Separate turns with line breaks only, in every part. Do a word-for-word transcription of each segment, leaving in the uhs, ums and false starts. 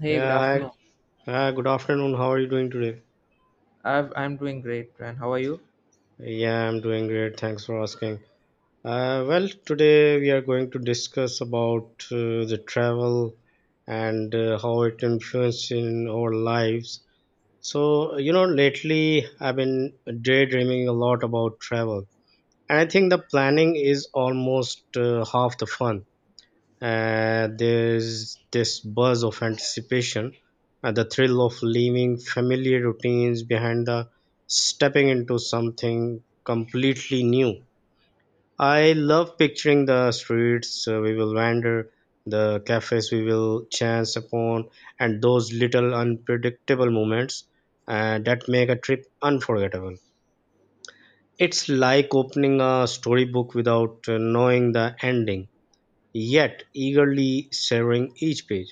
Hey, good
Yeah, hi.
afternoon.
Uh, good afternoon. How are you doing today?
I've, I'm doing great, and how are you?
Yeah, I'm doing great. Thanks for asking. Uh, well, today we are going to discuss about uh, the travel and uh, how it influences in our lives. So, you know, lately I've been daydreaming a lot about travel, and I think the planning is almost uh, half the fun. Uh, there's this buzz of anticipation and the thrill of leaving familiar routines behind, the stepping into something completely new. I love picturing the streets uh, we will wander, the cafes we will chance upon, and those little unpredictable moments uh, that make a trip unforgettable. It's like opening a storybook without uh, knowing the ending, yet eagerly savoring each page.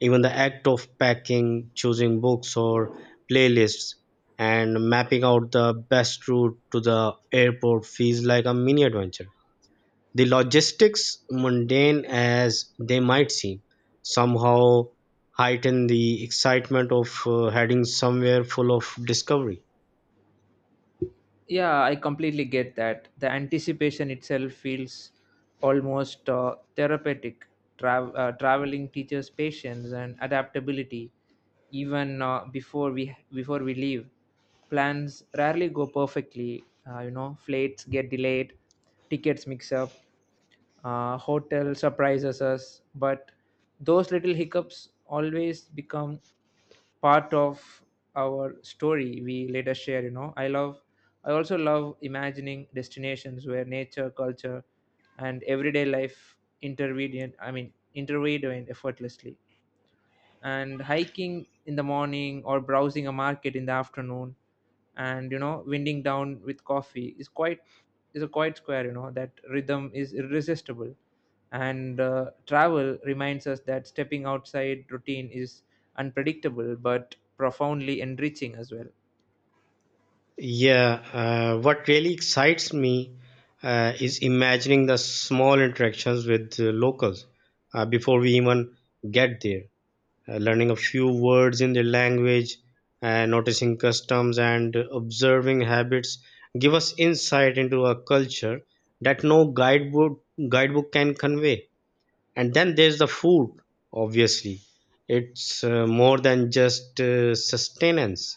Even the act of packing, choosing books or playlists, and mapping out the best route to the airport feels like a mini adventure. The logistics, mundane as they might seem, somehow heighten the excitement of uh, heading somewhere full of discovery.
Yeah, I completely get that. The anticipation itself feels almost uh, therapeutic. Tra- uh, traveling teaches patience and adaptability, even uh, before we before we leave. Plans rarely go perfectly. Uh, you know, flights get delayed, tickets mix up, uh, hotel surprises us, but those little hiccups always become part of our story we later share, you know. I love, i also love imagining destinations where nature, culture, and everyday life intervene I mean intervene effortlessly, and hiking in the morning or browsing a market in the afternoon, and you know, winding down with coffee is quite is a quite square, you know. That rhythm is irresistible, and uh, travel reminds us that stepping outside routine is unpredictable but profoundly enriching as well.
Yeah. Uh, what really excites me uh, is imagining the small interactions with uh, locals uh, before we even get there. Uh, learning a few words in their language, and noticing customs and observing habits give us insight into a culture that no guidebook guidebook can convey. And then there's the food. Obviously, it's uh, more than just uh, sustenance.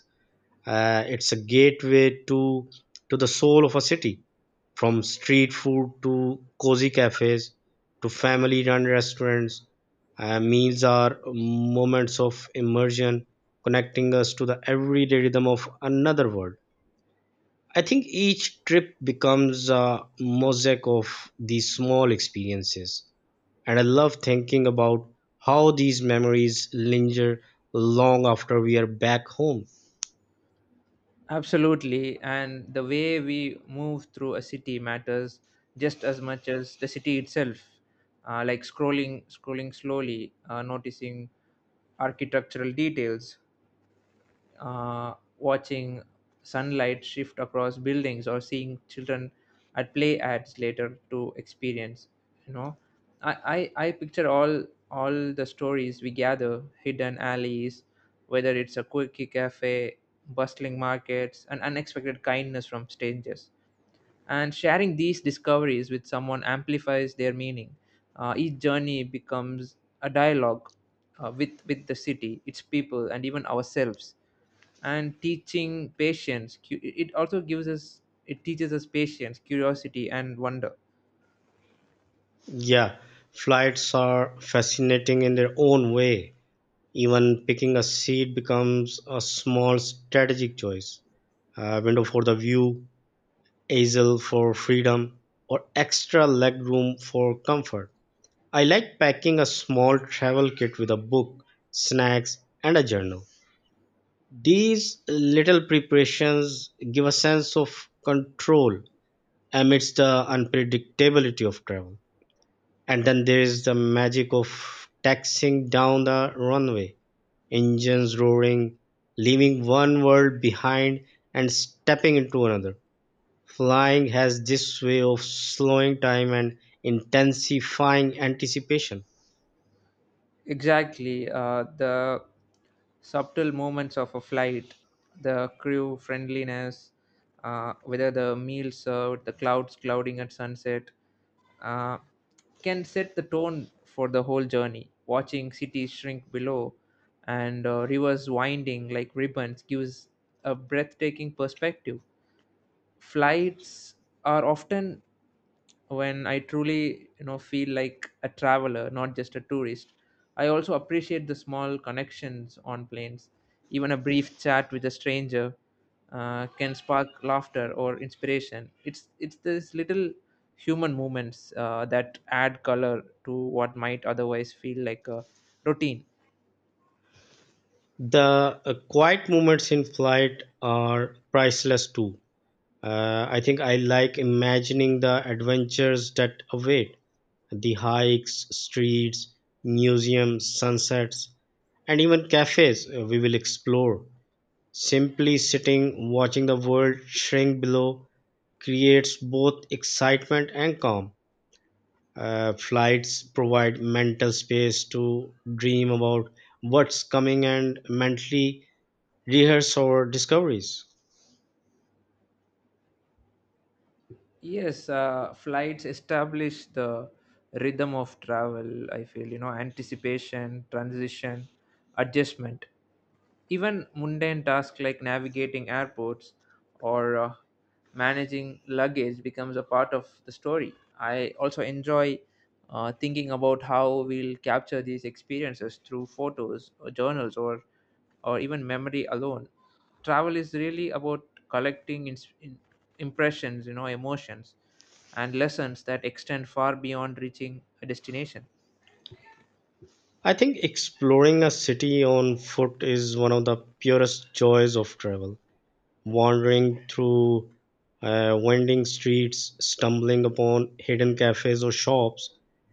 Uh, it's a gateway to to the soul of a city, from street food to cozy cafes to family-run restaurants. Uh, meals are moments of immersion, connecting us to the everyday rhythm of another world. I think each trip becomes a mosaic of these small experiences, and I love thinking about how these memories linger long after we are back home.
Absolutely, and the way we move through a city matters just as much as the city itself. Uh, like scrolling, scrolling slowly, uh, noticing architectural details, uh, watching sunlight shift across buildings or seeing children at play ads later to experience, you know. I, I i picture all all the stories we gather, hidden alleys, whether it's a quirky cafe, bustling markets, and unexpected kindness from strangers, and sharing these discoveries with someone amplifies their meaning. Uh, each journey becomes a dialogue uh, with with the city, its people, and even ourselves, and teaching patience cu- it also gives us it teaches us patience, curiosity, and wonder.
Yeah, flights are fascinating in their own way. Even picking a seat becomes a small strategic choice. A window for the view, aisle for freedom, or extra legroom for comfort. I like packing a small travel kit with a book, snacks, and a journal. These little preparations give a sense of control amidst the unpredictability of travel. And then there is the magic of taxiing down the runway, engines roaring, leaving one world behind and stepping into another. Flying has this way of slowing time and intensifying anticipation.
Exactly. Uh, the subtle moments of a flight, the crew friendliness, uh, whether the meal served, the clouds clouding at sunset, uh, can set the tone for the whole journey. Watching cities shrink below and uh, rivers winding like ribbons gives a breathtaking perspective. Flights are often when I truly, you know, feel like a traveler, not just a tourist. I also appreciate the small connections on planes. Even a brief chat with a stranger uh, can spark laughter or inspiration. It's it's these little human moments uh, that add color to what might otherwise feel like a routine.
The uh, quiet moments in flight are priceless too. Uh, I think I like imagining the adventures that await, the hikes, streets, museums, sunsets, and even cafes uh, we will explore. Simply sitting, watching the world shrink below, creates both excitement and calm. Uh, flights provide mental space to dream about what's coming and mentally rehearse our discoveries.
Yes, uh, flights establish the rhythm of travel, I feel, you know, anticipation, transition, adjustment. Even mundane tasks like navigating airports or uh, managing luggage becomes a part of the story. I also enjoy uh, thinking about how we'll capture these experiences through photos or journals, or or even memory alone. Travel is really about collecting ins- in- impressions, you know, emotions and lessons that extend far beyond reaching a destination.
I think exploring a city on foot is one of the purest joys of travel. Wandering through uh, winding streets, stumbling upon hidden cafes or shops,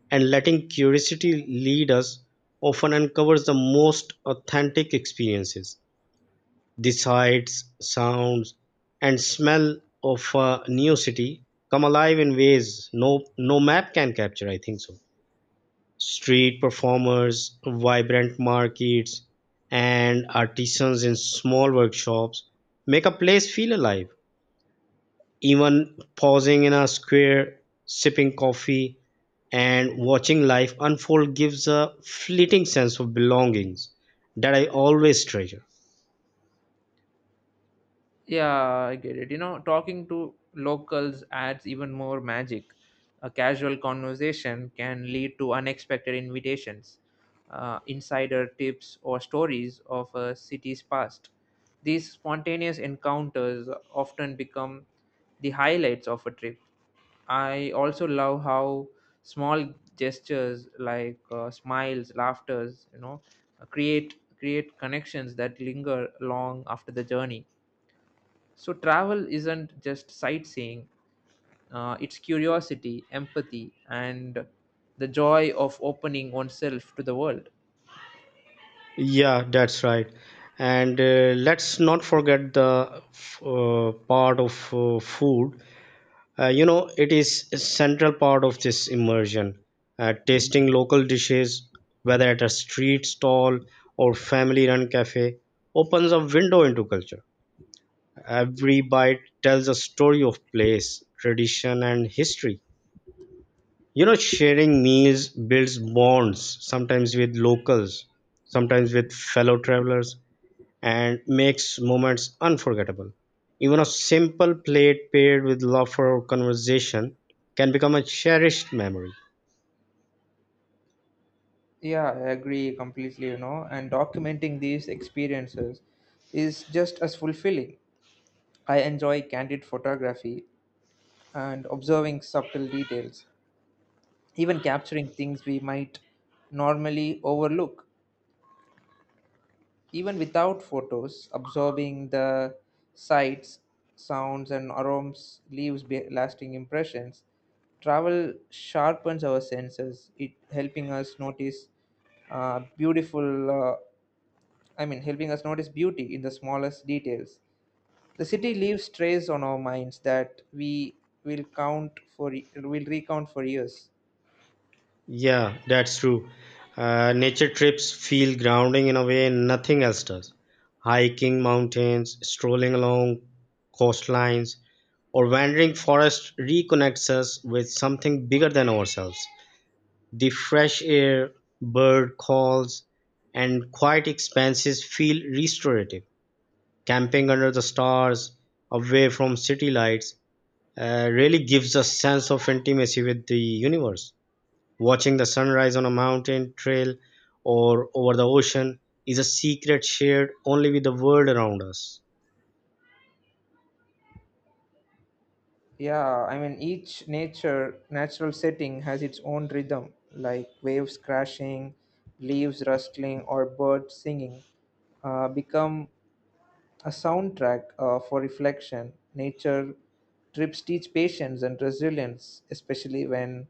and letting curiosity lead us often uncovers the most authentic experiences. The sights, sounds, and smell of a new city come alive in ways no, no map can capture, I think so. Street performers, vibrant markets, and artisans in small workshops make a place feel alive. Even pausing in a square, sipping coffee, and watching life unfold gives a fleeting sense of belongings that I always treasure.
Yeah, I get it. You know, talking to locals adds even more magic. A casual conversation can lead to unexpected invitations, uh, insider tips, or stories of a city's past. These spontaneous encounters often become the highlights of a trip. I also love how small gestures, like uh, smiles, laughters, you know, create create connections that linger long after the journey. So travel isn't just sightseeing, uh, it's curiosity, empathy, and the joy of opening oneself to the world.
Yeah, that's right. And uh, let's not forget the uh, part of uh, food. Uh, you know, it is a central part of this immersion. Uh, tasting local dishes, whether at a street stall or family run cafe, opens a window into culture. Every bite tells a story of place, tradition, and history. You know, sharing meals builds bonds, sometimes with locals, sometimes with fellow travelers, and makes moments unforgettable. Even a simple plate paired with laughter or conversation can become a cherished memory.
Yeah, I agree completely, you know, and documenting these experiences is just as fulfilling. I enjoy candid photography and observing subtle details, even capturing things we might normally overlook. Even without photos, absorbing the sights, sounds, and aromas leaves be- lasting impressions. Travel sharpens our senses, it helping us notice uh, beautiful. Uh, I mean, helping us notice beauty in the smallest details. The city leaves traces on our minds that we will count for will recount for years.
Yeah, that's true. Uh, nature trips feel grounding in a way nothing else does. Hiking mountains, strolling along coastlines, or wandering forests reconnects us with something bigger than ourselves. The fresh air, bird calls, and quiet expanses feel restorative. Camping under the stars, away from city lights, uh, really gives a sense of intimacy with the universe. Watching the sunrise on a mountain trail or over the ocean is a secret shared only with the world around us.
Yeah, I mean, each nature natural setting has its own rhythm, like waves crashing, leaves rustling, or birds singing, uh, become a soundtrack uh, for reflection. Nature trips teach patience and resilience, especially when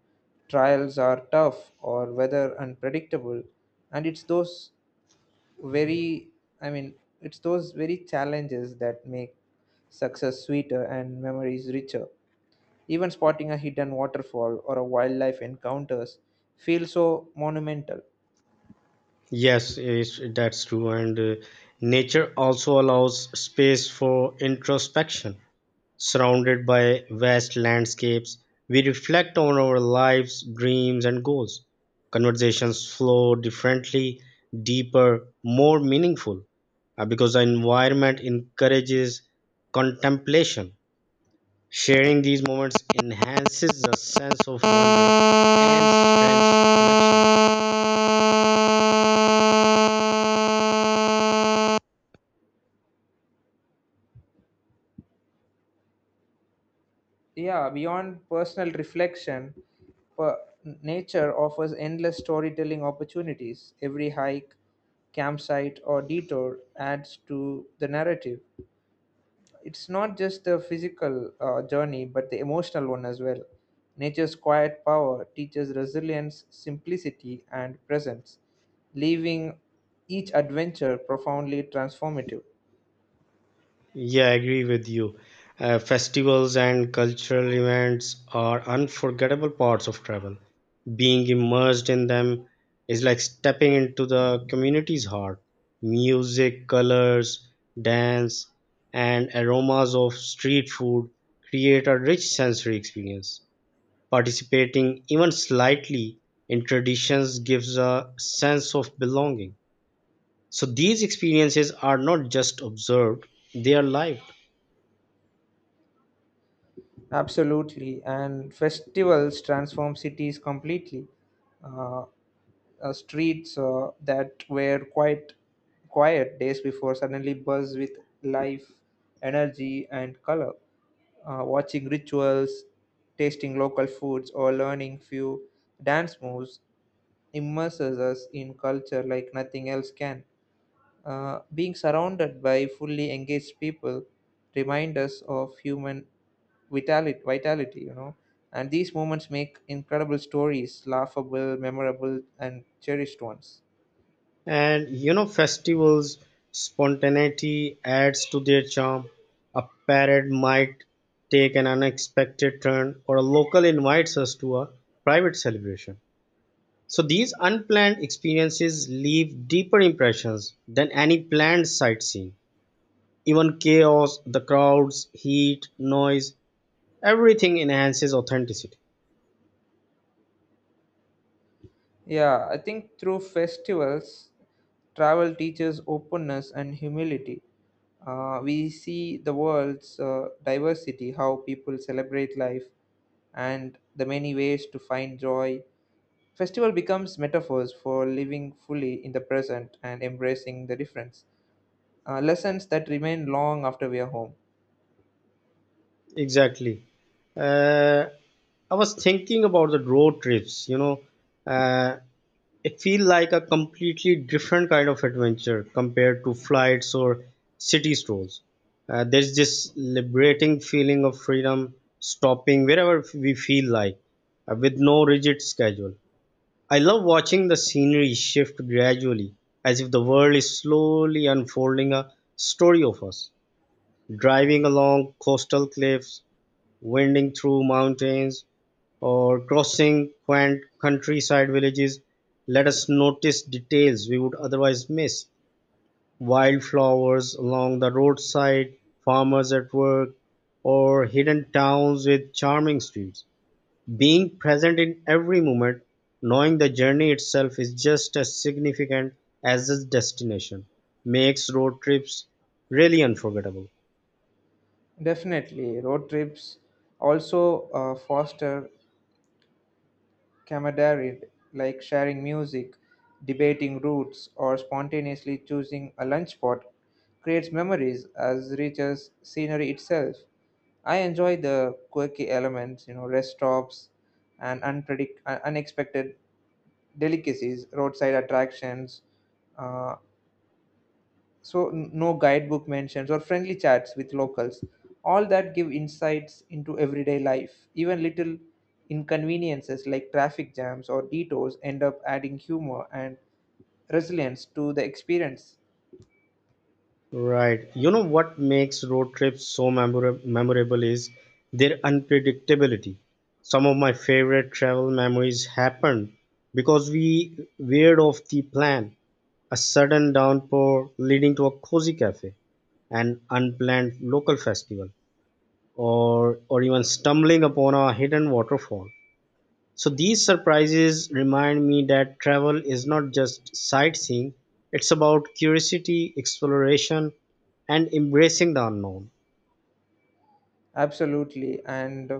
trials are tough or weather unpredictable. And it's those very, I mean, it's those very challenges that make success sweeter and memories richer. Even spotting a hidden waterfall or a wildlife encounters feel so monumental.
Yes, is- that's true. And uh, nature also allows space for introspection. Surrounded by vast landscapes, we reflect on our lives, dreams, and goals. Conversations flow differently, deeper, more meaningful uh, because the environment encourages contemplation. Sharing these moments enhances the sense of wonder and strengths connection.
Yeah, beyond personal reflection, per- nature offers endless storytelling opportunities. Every hike, campsite, or detour adds to the narrative. It's not just the physical uh, journey, but the emotional one as well. Nature's quiet power teaches resilience, simplicity, and presence, leaving each adventure profoundly transformative.
Yeah, I agree with you. Uh, festivals and cultural events are unforgettable parts of travel. Being immersed in them is like stepping into the community's heart. Music, colors, dance, and aromas of street food create a rich sensory experience. Participating even slightly in traditions gives a sense of belonging. So these experiences are not just observed, they are lived.
Absolutely, and festivals transform cities completely. Uh, uh, Streets uh, that were quite quiet days before suddenly buzz with life, energy, and color. Uh, watching rituals, tasting local foods, or learning few dance moves immerses us in culture like nothing else can. Uh, being surrounded by fully engaged people remind us of human vitality, vitality, you know, and these moments make incredible stories, laughable, memorable, and cherished ones.
And you know, festivals spontaneity adds to their charm. A parade might take an unexpected turn, or a local invites us to a private celebration. So these unplanned experiences leave deeper impressions than any planned sightseeing. Even chaos, the crowds, heat, noise, everything enhances authenticity.
Yeah, I think through festivals, travel teaches openness and humility. Uh, we see the world's uh, diversity, how people celebrate life, and the many ways to find joy. Festival becomes metaphors for living fully in the present and embracing the difference. Uh, lessons that remain long after we are home.
Exactly. Uh, I was thinking about the road trips, you know, uh, it feels like a completely different kind of adventure compared to flights or city strolls. Uh, there's this liberating feeling of freedom, stopping wherever we feel like, uh, with no rigid schedule. I love watching the scenery shift gradually, as if the world is slowly unfolding a story of us, driving along coastal cliffs, winding through mountains, or crossing quaint countryside villages. Let us notice details we would otherwise miss, wildflowers along the roadside, farmers at work, or hidden towns with charming streets. Being present in every moment, knowing the journey itself is just as significant as its destination, makes road trips really unforgettable.
Definitely, road trips also uh, foster camaraderie, like sharing music, debating routes, or spontaneously choosing a lunch spot creates memories as rich as scenery itself. I enjoy the quirky elements, you know, rest stops and unpredict- uh, unexpected delicacies, roadside attractions. Uh, so n- no guidebook mentions or friendly chats with locals. All that give insights into everyday life. Even little inconveniences like traffic jams or detours end up adding humor and resilience to the experience.
Right. You know what makes road trips so memora- memorable is their unpredictability. Some of my favorite travel memories happened because we veered off the plan. A sudden downpour leading to a cozy cafe, an unplanned local festival, or or even stumbling upon a hidden waterfall. So these surprises remind me that travel is not just sightseeing, it's about curiosity, exploration, and embracing the unknown.
Absolutely, and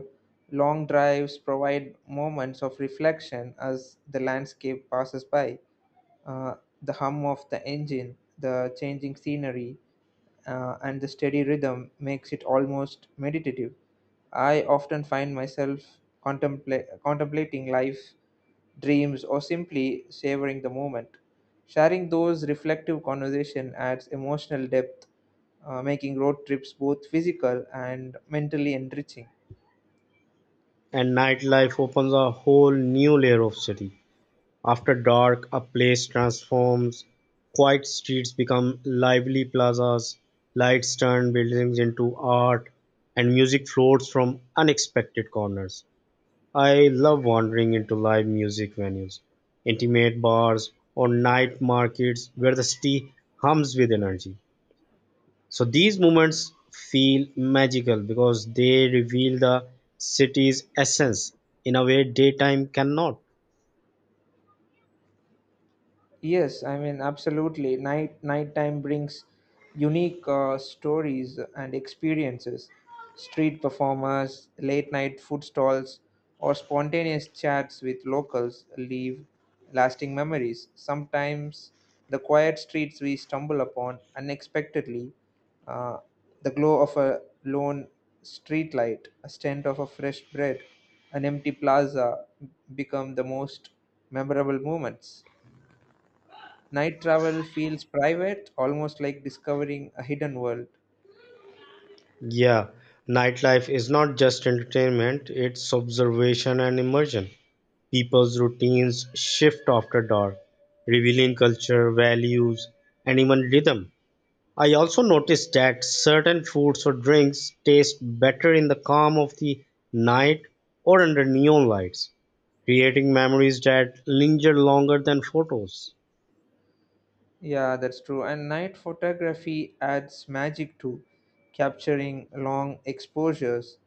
long drives provide moments of reflection as the landscape passes by. uh, the hum of the engine, the changing scenery, uh, and the steady rhythm makes it almost meditative. I often find myself contempla- contemplating life, dreams, or simply savoring the moment. Sharing those reflective conversation adds emotional depth, uh, making road trips both physical and mentally enriching.
And nightlife opens a whole new layer of city. After dark, a place transforms. Quiet streets become lively plazas. Lights turn buildings into art, and music floats from unexpected corners. I love wandering into live music venues, intimate bars, or night markets where the city hums with energy. So these moments feel magical because they reveal the city's essence in a way daytime cannot.
Yes, I mean, absolutely. Night nighttime brings unique uh, stories and experiences. Street performers, late night food stalls, or spontaneous chats with locals leave lasting memories. Sometimes the quiet streets we stumble upon unexpectedly, uh, the glow of a lone street light, a scent of a fresh bread, an empty plaza become the most memorable moments. Night travel feels private, almost like discovering a hidden world.
Yeah, nightlife is not just entertainment, it's observation and immersion. People's routines shift after dark, revealing culture, values, and even rhythm. I also noticed that certain foods or drinks taste better in the calm of the night or under neon lights, creating memories that linger longer than photos.
Yeah, that's true. And night photography adds magic too, capturing long exposures,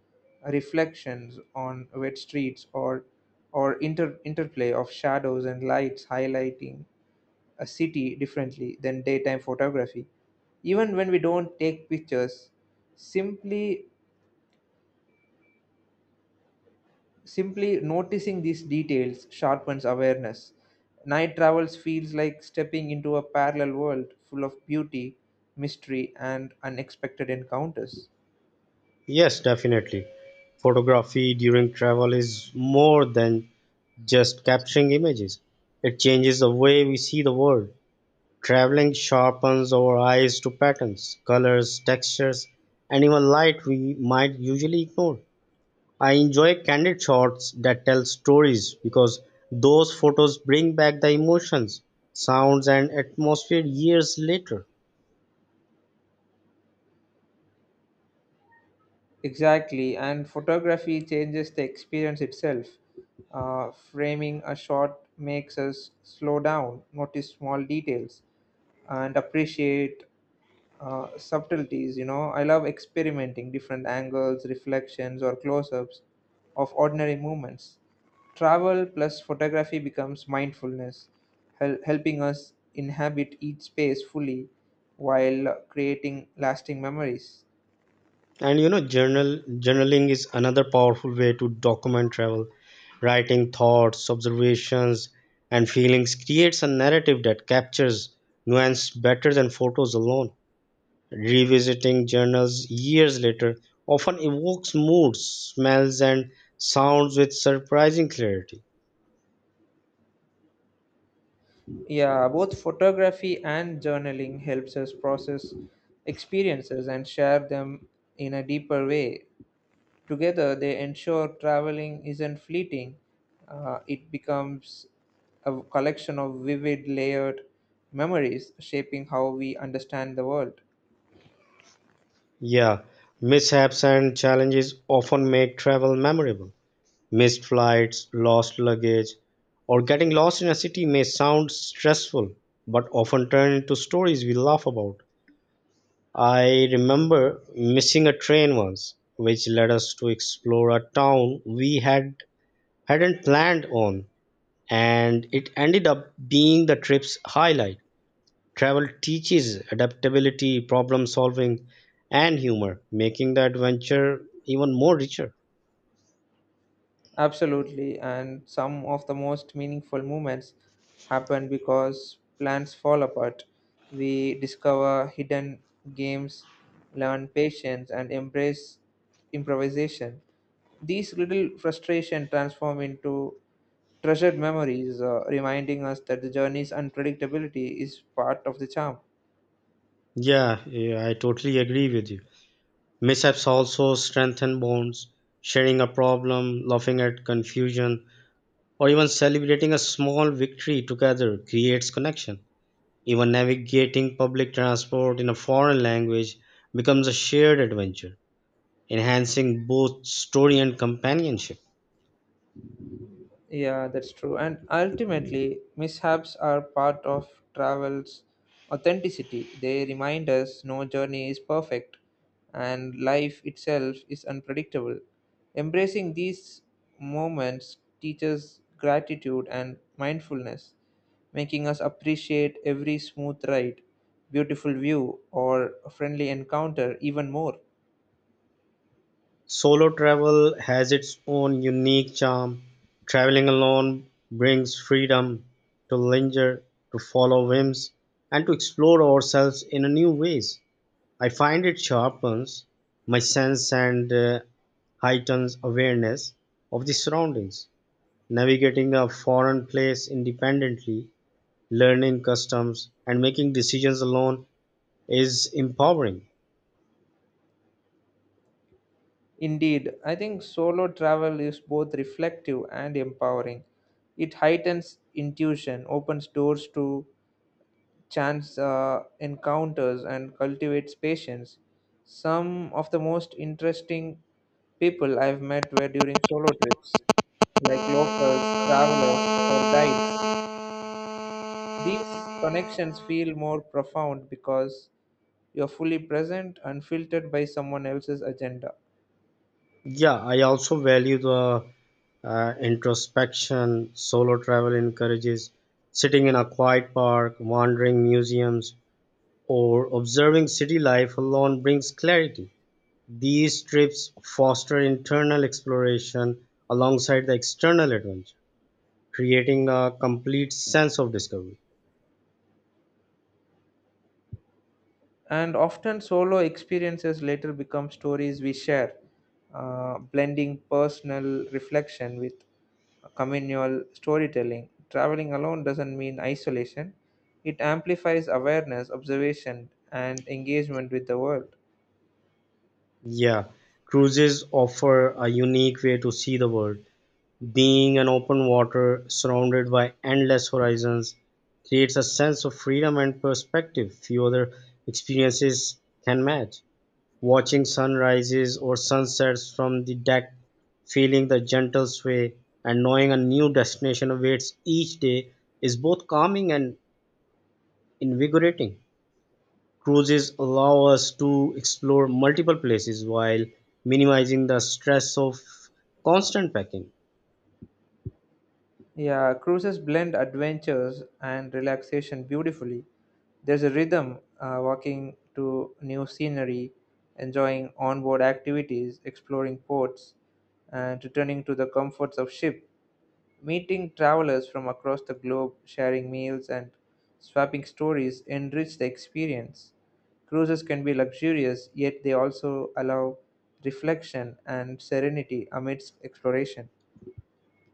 reflections on wet streets, or or inter- interplay of shadows and lights, highlighting a city differently than daytime photography, even when we don't take pictures. Simply Simply noticing these details sharpens awareness. Night travels feels like stepping into a parallel world full of beauty, mystery, and unexpected encounters.
Yes, definitely. Photography during travel is more than just capturing images, it changes the way we see the world. Traveling sharpens our eyes to patterns, colors, textures, and even light we might usually ignore. I enjoy candid shots that tell stories because those photos bring back the emotions, sounds, and atmosphere years later.
Exactly, and photography changes the experience itself. Uh, framing a shot makes us slow down, notice small details, and appreciate uh, subtleties, you know. I love experimenting different angles, reflections, or close-ups of ordinary movements. Travel plus photography becomes mindfulness, hel- helping us inhabit each space fully while creating lasting memories.
And you know, journal journaling is another powerful way to document travel. Writing thoughts, observations, and feelings creates a narrative that captures nuance better than photos alone. Revisiting journals years later often evokes moods, smells, and sounds with surprising clarity.
Yeah, both photography and journaling helps us process experiences and share them in a deeper way. Together, they ensure traveling isn't fleeting, uh, it becomes a collection of vivid, layered memories shaping how we understand the world.
Yeah, mishaps and challenges often make travel memorable. Missed flights, lost luggage, or getting lost in a city may sound stressful, but often turn into stories we laugh about. I remember missing a train once, which led us to explore a town we had hadn't planned on, and it ended up being the trip's highlight. Travel teaches adaptability, problem solving, and humor, making the adventure even more richer.
Absolutely, and some of the most meaningful moments happen because plans fall apart. We discover hidden games, learn patience, and embrace improvisation. These little frustration transform into treasured memories, uh, reminding us that the journey's unpredictability is part of the charm.
Yeah, yeah, I totally agree with you. Mishaps also strengthen bonds, sharing a problem, laughing at confusion, or even celebrating a small victory together creates connection. Even navigating public transport in a foreign language becomes a shared adventure, enhancing both story and companionship.
Yeah, that's true. And ultimately, mishaps are part of travel's authenticity. They remind us no journey is perfect and life itself is unpredictable. Embracing these moments teaches gratitude and mindfulness, making us appreciate every smooth ride, beautiful view, or friendly encounter even more.
Solo travel has its own unique charm. Traveling alone brings freedom to linger, to follow whims, and to explore ourselves in a new ways. I find it sharpens my sense and uh, heightens awareness of the surroundings. Navigating a foreign place independently, learning customs, and making decisions alone is empowering.
Indeed, I think solo travel is both reflective and empowering. It heightens intuition, opens doors to chance uh, encounters, and cultivates patience. Some of the most interesting people I've met were during solo trips, like locals, travelers, or guides. These connections feel more profound because you're fully present, unfiltered by someone else's agenda.
Yeah, I also value the uh, introspection. Solo travel encourages sitting in a quiet park, wandering museums, or observing city life alone brings clarity. These trips foster internal exploration alongside the external adventure, creating a complete sense of discovery.
And often solo experiences later become stories we share, uh, blending personal reflection with communal storytelling. Traveling alone doesn't mean isolation, it amplifies awareness, observation, and engagement with the world.
Yeah, cruises offer a unique way to see the world. Being an open water surrounded by endless horizons creates a sense of freedom and perspective few other experiences can match. Watching sunrises or sunsets from the deck, feeling the gentle sway, and knowing a new destination awaits each day is both calming and invigorating. Cruises allow us to explore multiple places while minimizing the stress of constant packing.
Yeah, cruises blend adventures and relaxation beautifully. There's a rhythm, uh, walking to new scenery, enjoying onboard activities, exploring ports, and returning to the comforts of ship. Meeting travelers from across the globe, sharing meals, and swapping stories enrich the experience. Cruises can be luxurious, yet they also allow reflection and serenity amidst exploration.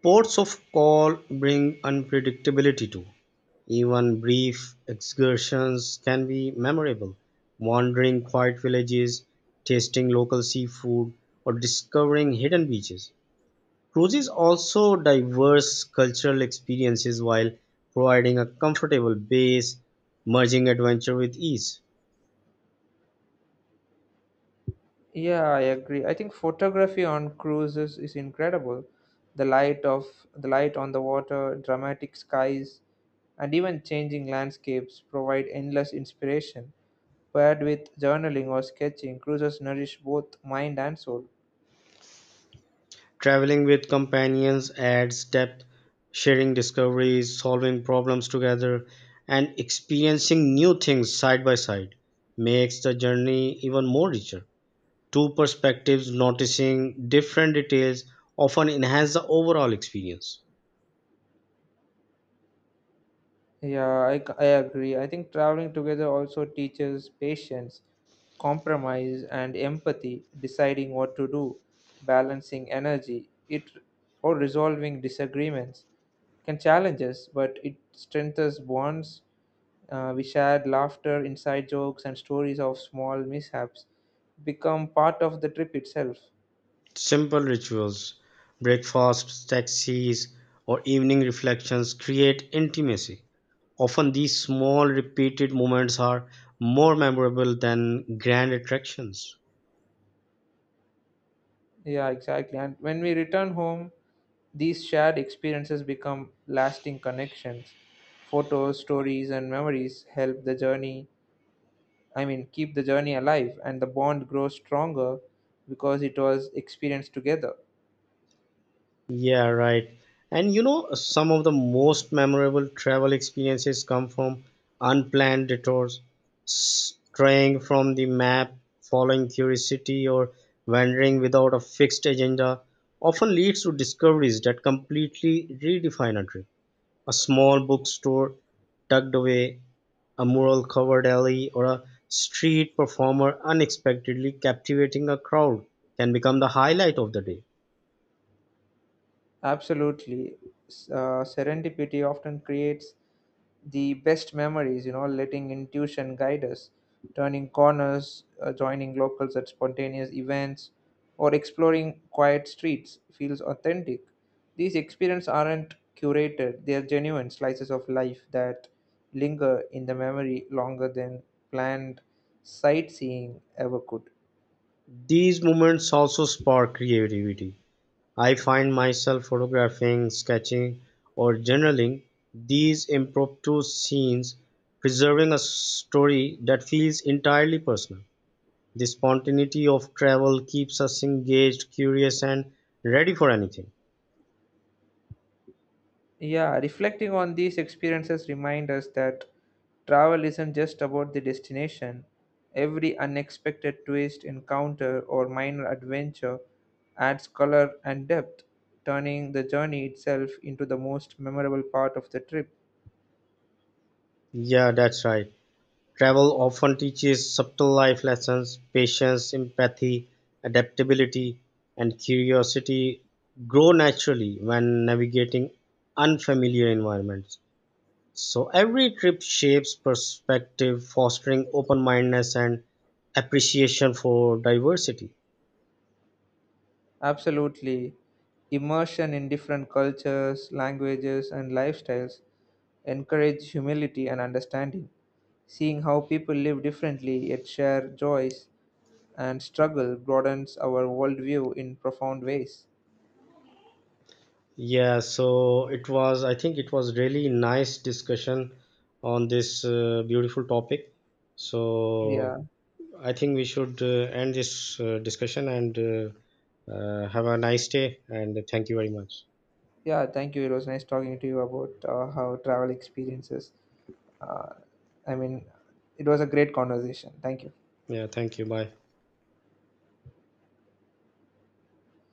Ports of call bring unpredictability too. Even brief excursions can be memorable. Wandering quiet villages, tasting local seafood, or discovering hidden beaches. Cruises also diverse cultural experiences while providing a comfortable base, merging adventure with ease.
Yeah, I agree. I think photography on cruises is incredible. The light of the light on the water, dramatic skies, and even changing landscapes provide endless inspiration. Paired with journaling or sketching, cruises nourish both mind and soul.
Traveling with companions adds depth, sharing discoveries, solving problems together, and experiencing new things side by side makes the journey even more richer. Two perspectives noticing different details often enhance the overall experience.
Yeah, I, c- I agree. I think traveling together also teaches patience, compromise, and empathy, deciding what to do, balancing energy, it or resolving disagreements can challenge us, but it strengthens bonds. Uh, we shared laughter, inside jokes, and stories of small mishaps become part of the trip itself.
Simple rituals, breakfasts, taxis, or evening reflections create intimacy. Often, these small, repeated moments are more memorable than grand attractions.
Yeah, exactly. And when we return home, these shared experiences become lasting connections. Photos, stories, and memories help the journey, I mean, keep the journey alive, and the bond grows stronger because it was experienced together.
Yeah, right. And you know, some of the most memorable travel experiences come from unplanned detours, straying from the map, following curiosity, or wandering without a fixed agenda often leads to discoveries that completely redefine a trip. A small bookstore tucked away, a mural covered alley, or a street performer unexpectedly captivating a crowd can become the highlight of the day.
Absolutely. S- Uh, serendipity often creates the best memories, you know, letting intuition guide us, turning corners, uh, joining locals at spontaneous events, or exploring quiet streets feels authentic. These experiences aren't curated, they are genuine slices of life that linger in the memory longer than planned sightseeing ever could.
These moments also spark creativity. I find myself photographing, sketching, or journaling these impromptu scenes, preserving a story that feels entirely personal. The spontaneity of travel keeps us engaged, curious, and ready for anything.
Yeah, reflecting on these experiences remind us that travel isn't just about the destination. Every unexpected twist, encounter, or minor adventure adds color and depth, turning the journey itself into the most memorable part of the trip.
Yeah, that's right. Travel often teaches subtle life lessons, patience, empathy, adaptability, and curiosity grow naturally when navigating unfamiliar environments. So, every trip shapes perspective, fostering open mindedness and appreciation for diversity.
Absolutely. Immersion in different cultures, languages, and lifestyles encourage humility and understanding. Seeing how people live differently yet share joys and struggle broadens our worldview in profound ways.
Yeah, so it was, I think it was really nice discussion on this uh, beautiful topic. So,
Yeah,
I think we should uh, end this uh, discussion and uh, uh, have a nice day. And thank you very much.
yeah. Thank you. It was nice talking to you about uh, how travel experiences. Uh, I mean, it was a great conversation. Thank you.
Yeah, thank you. Bye.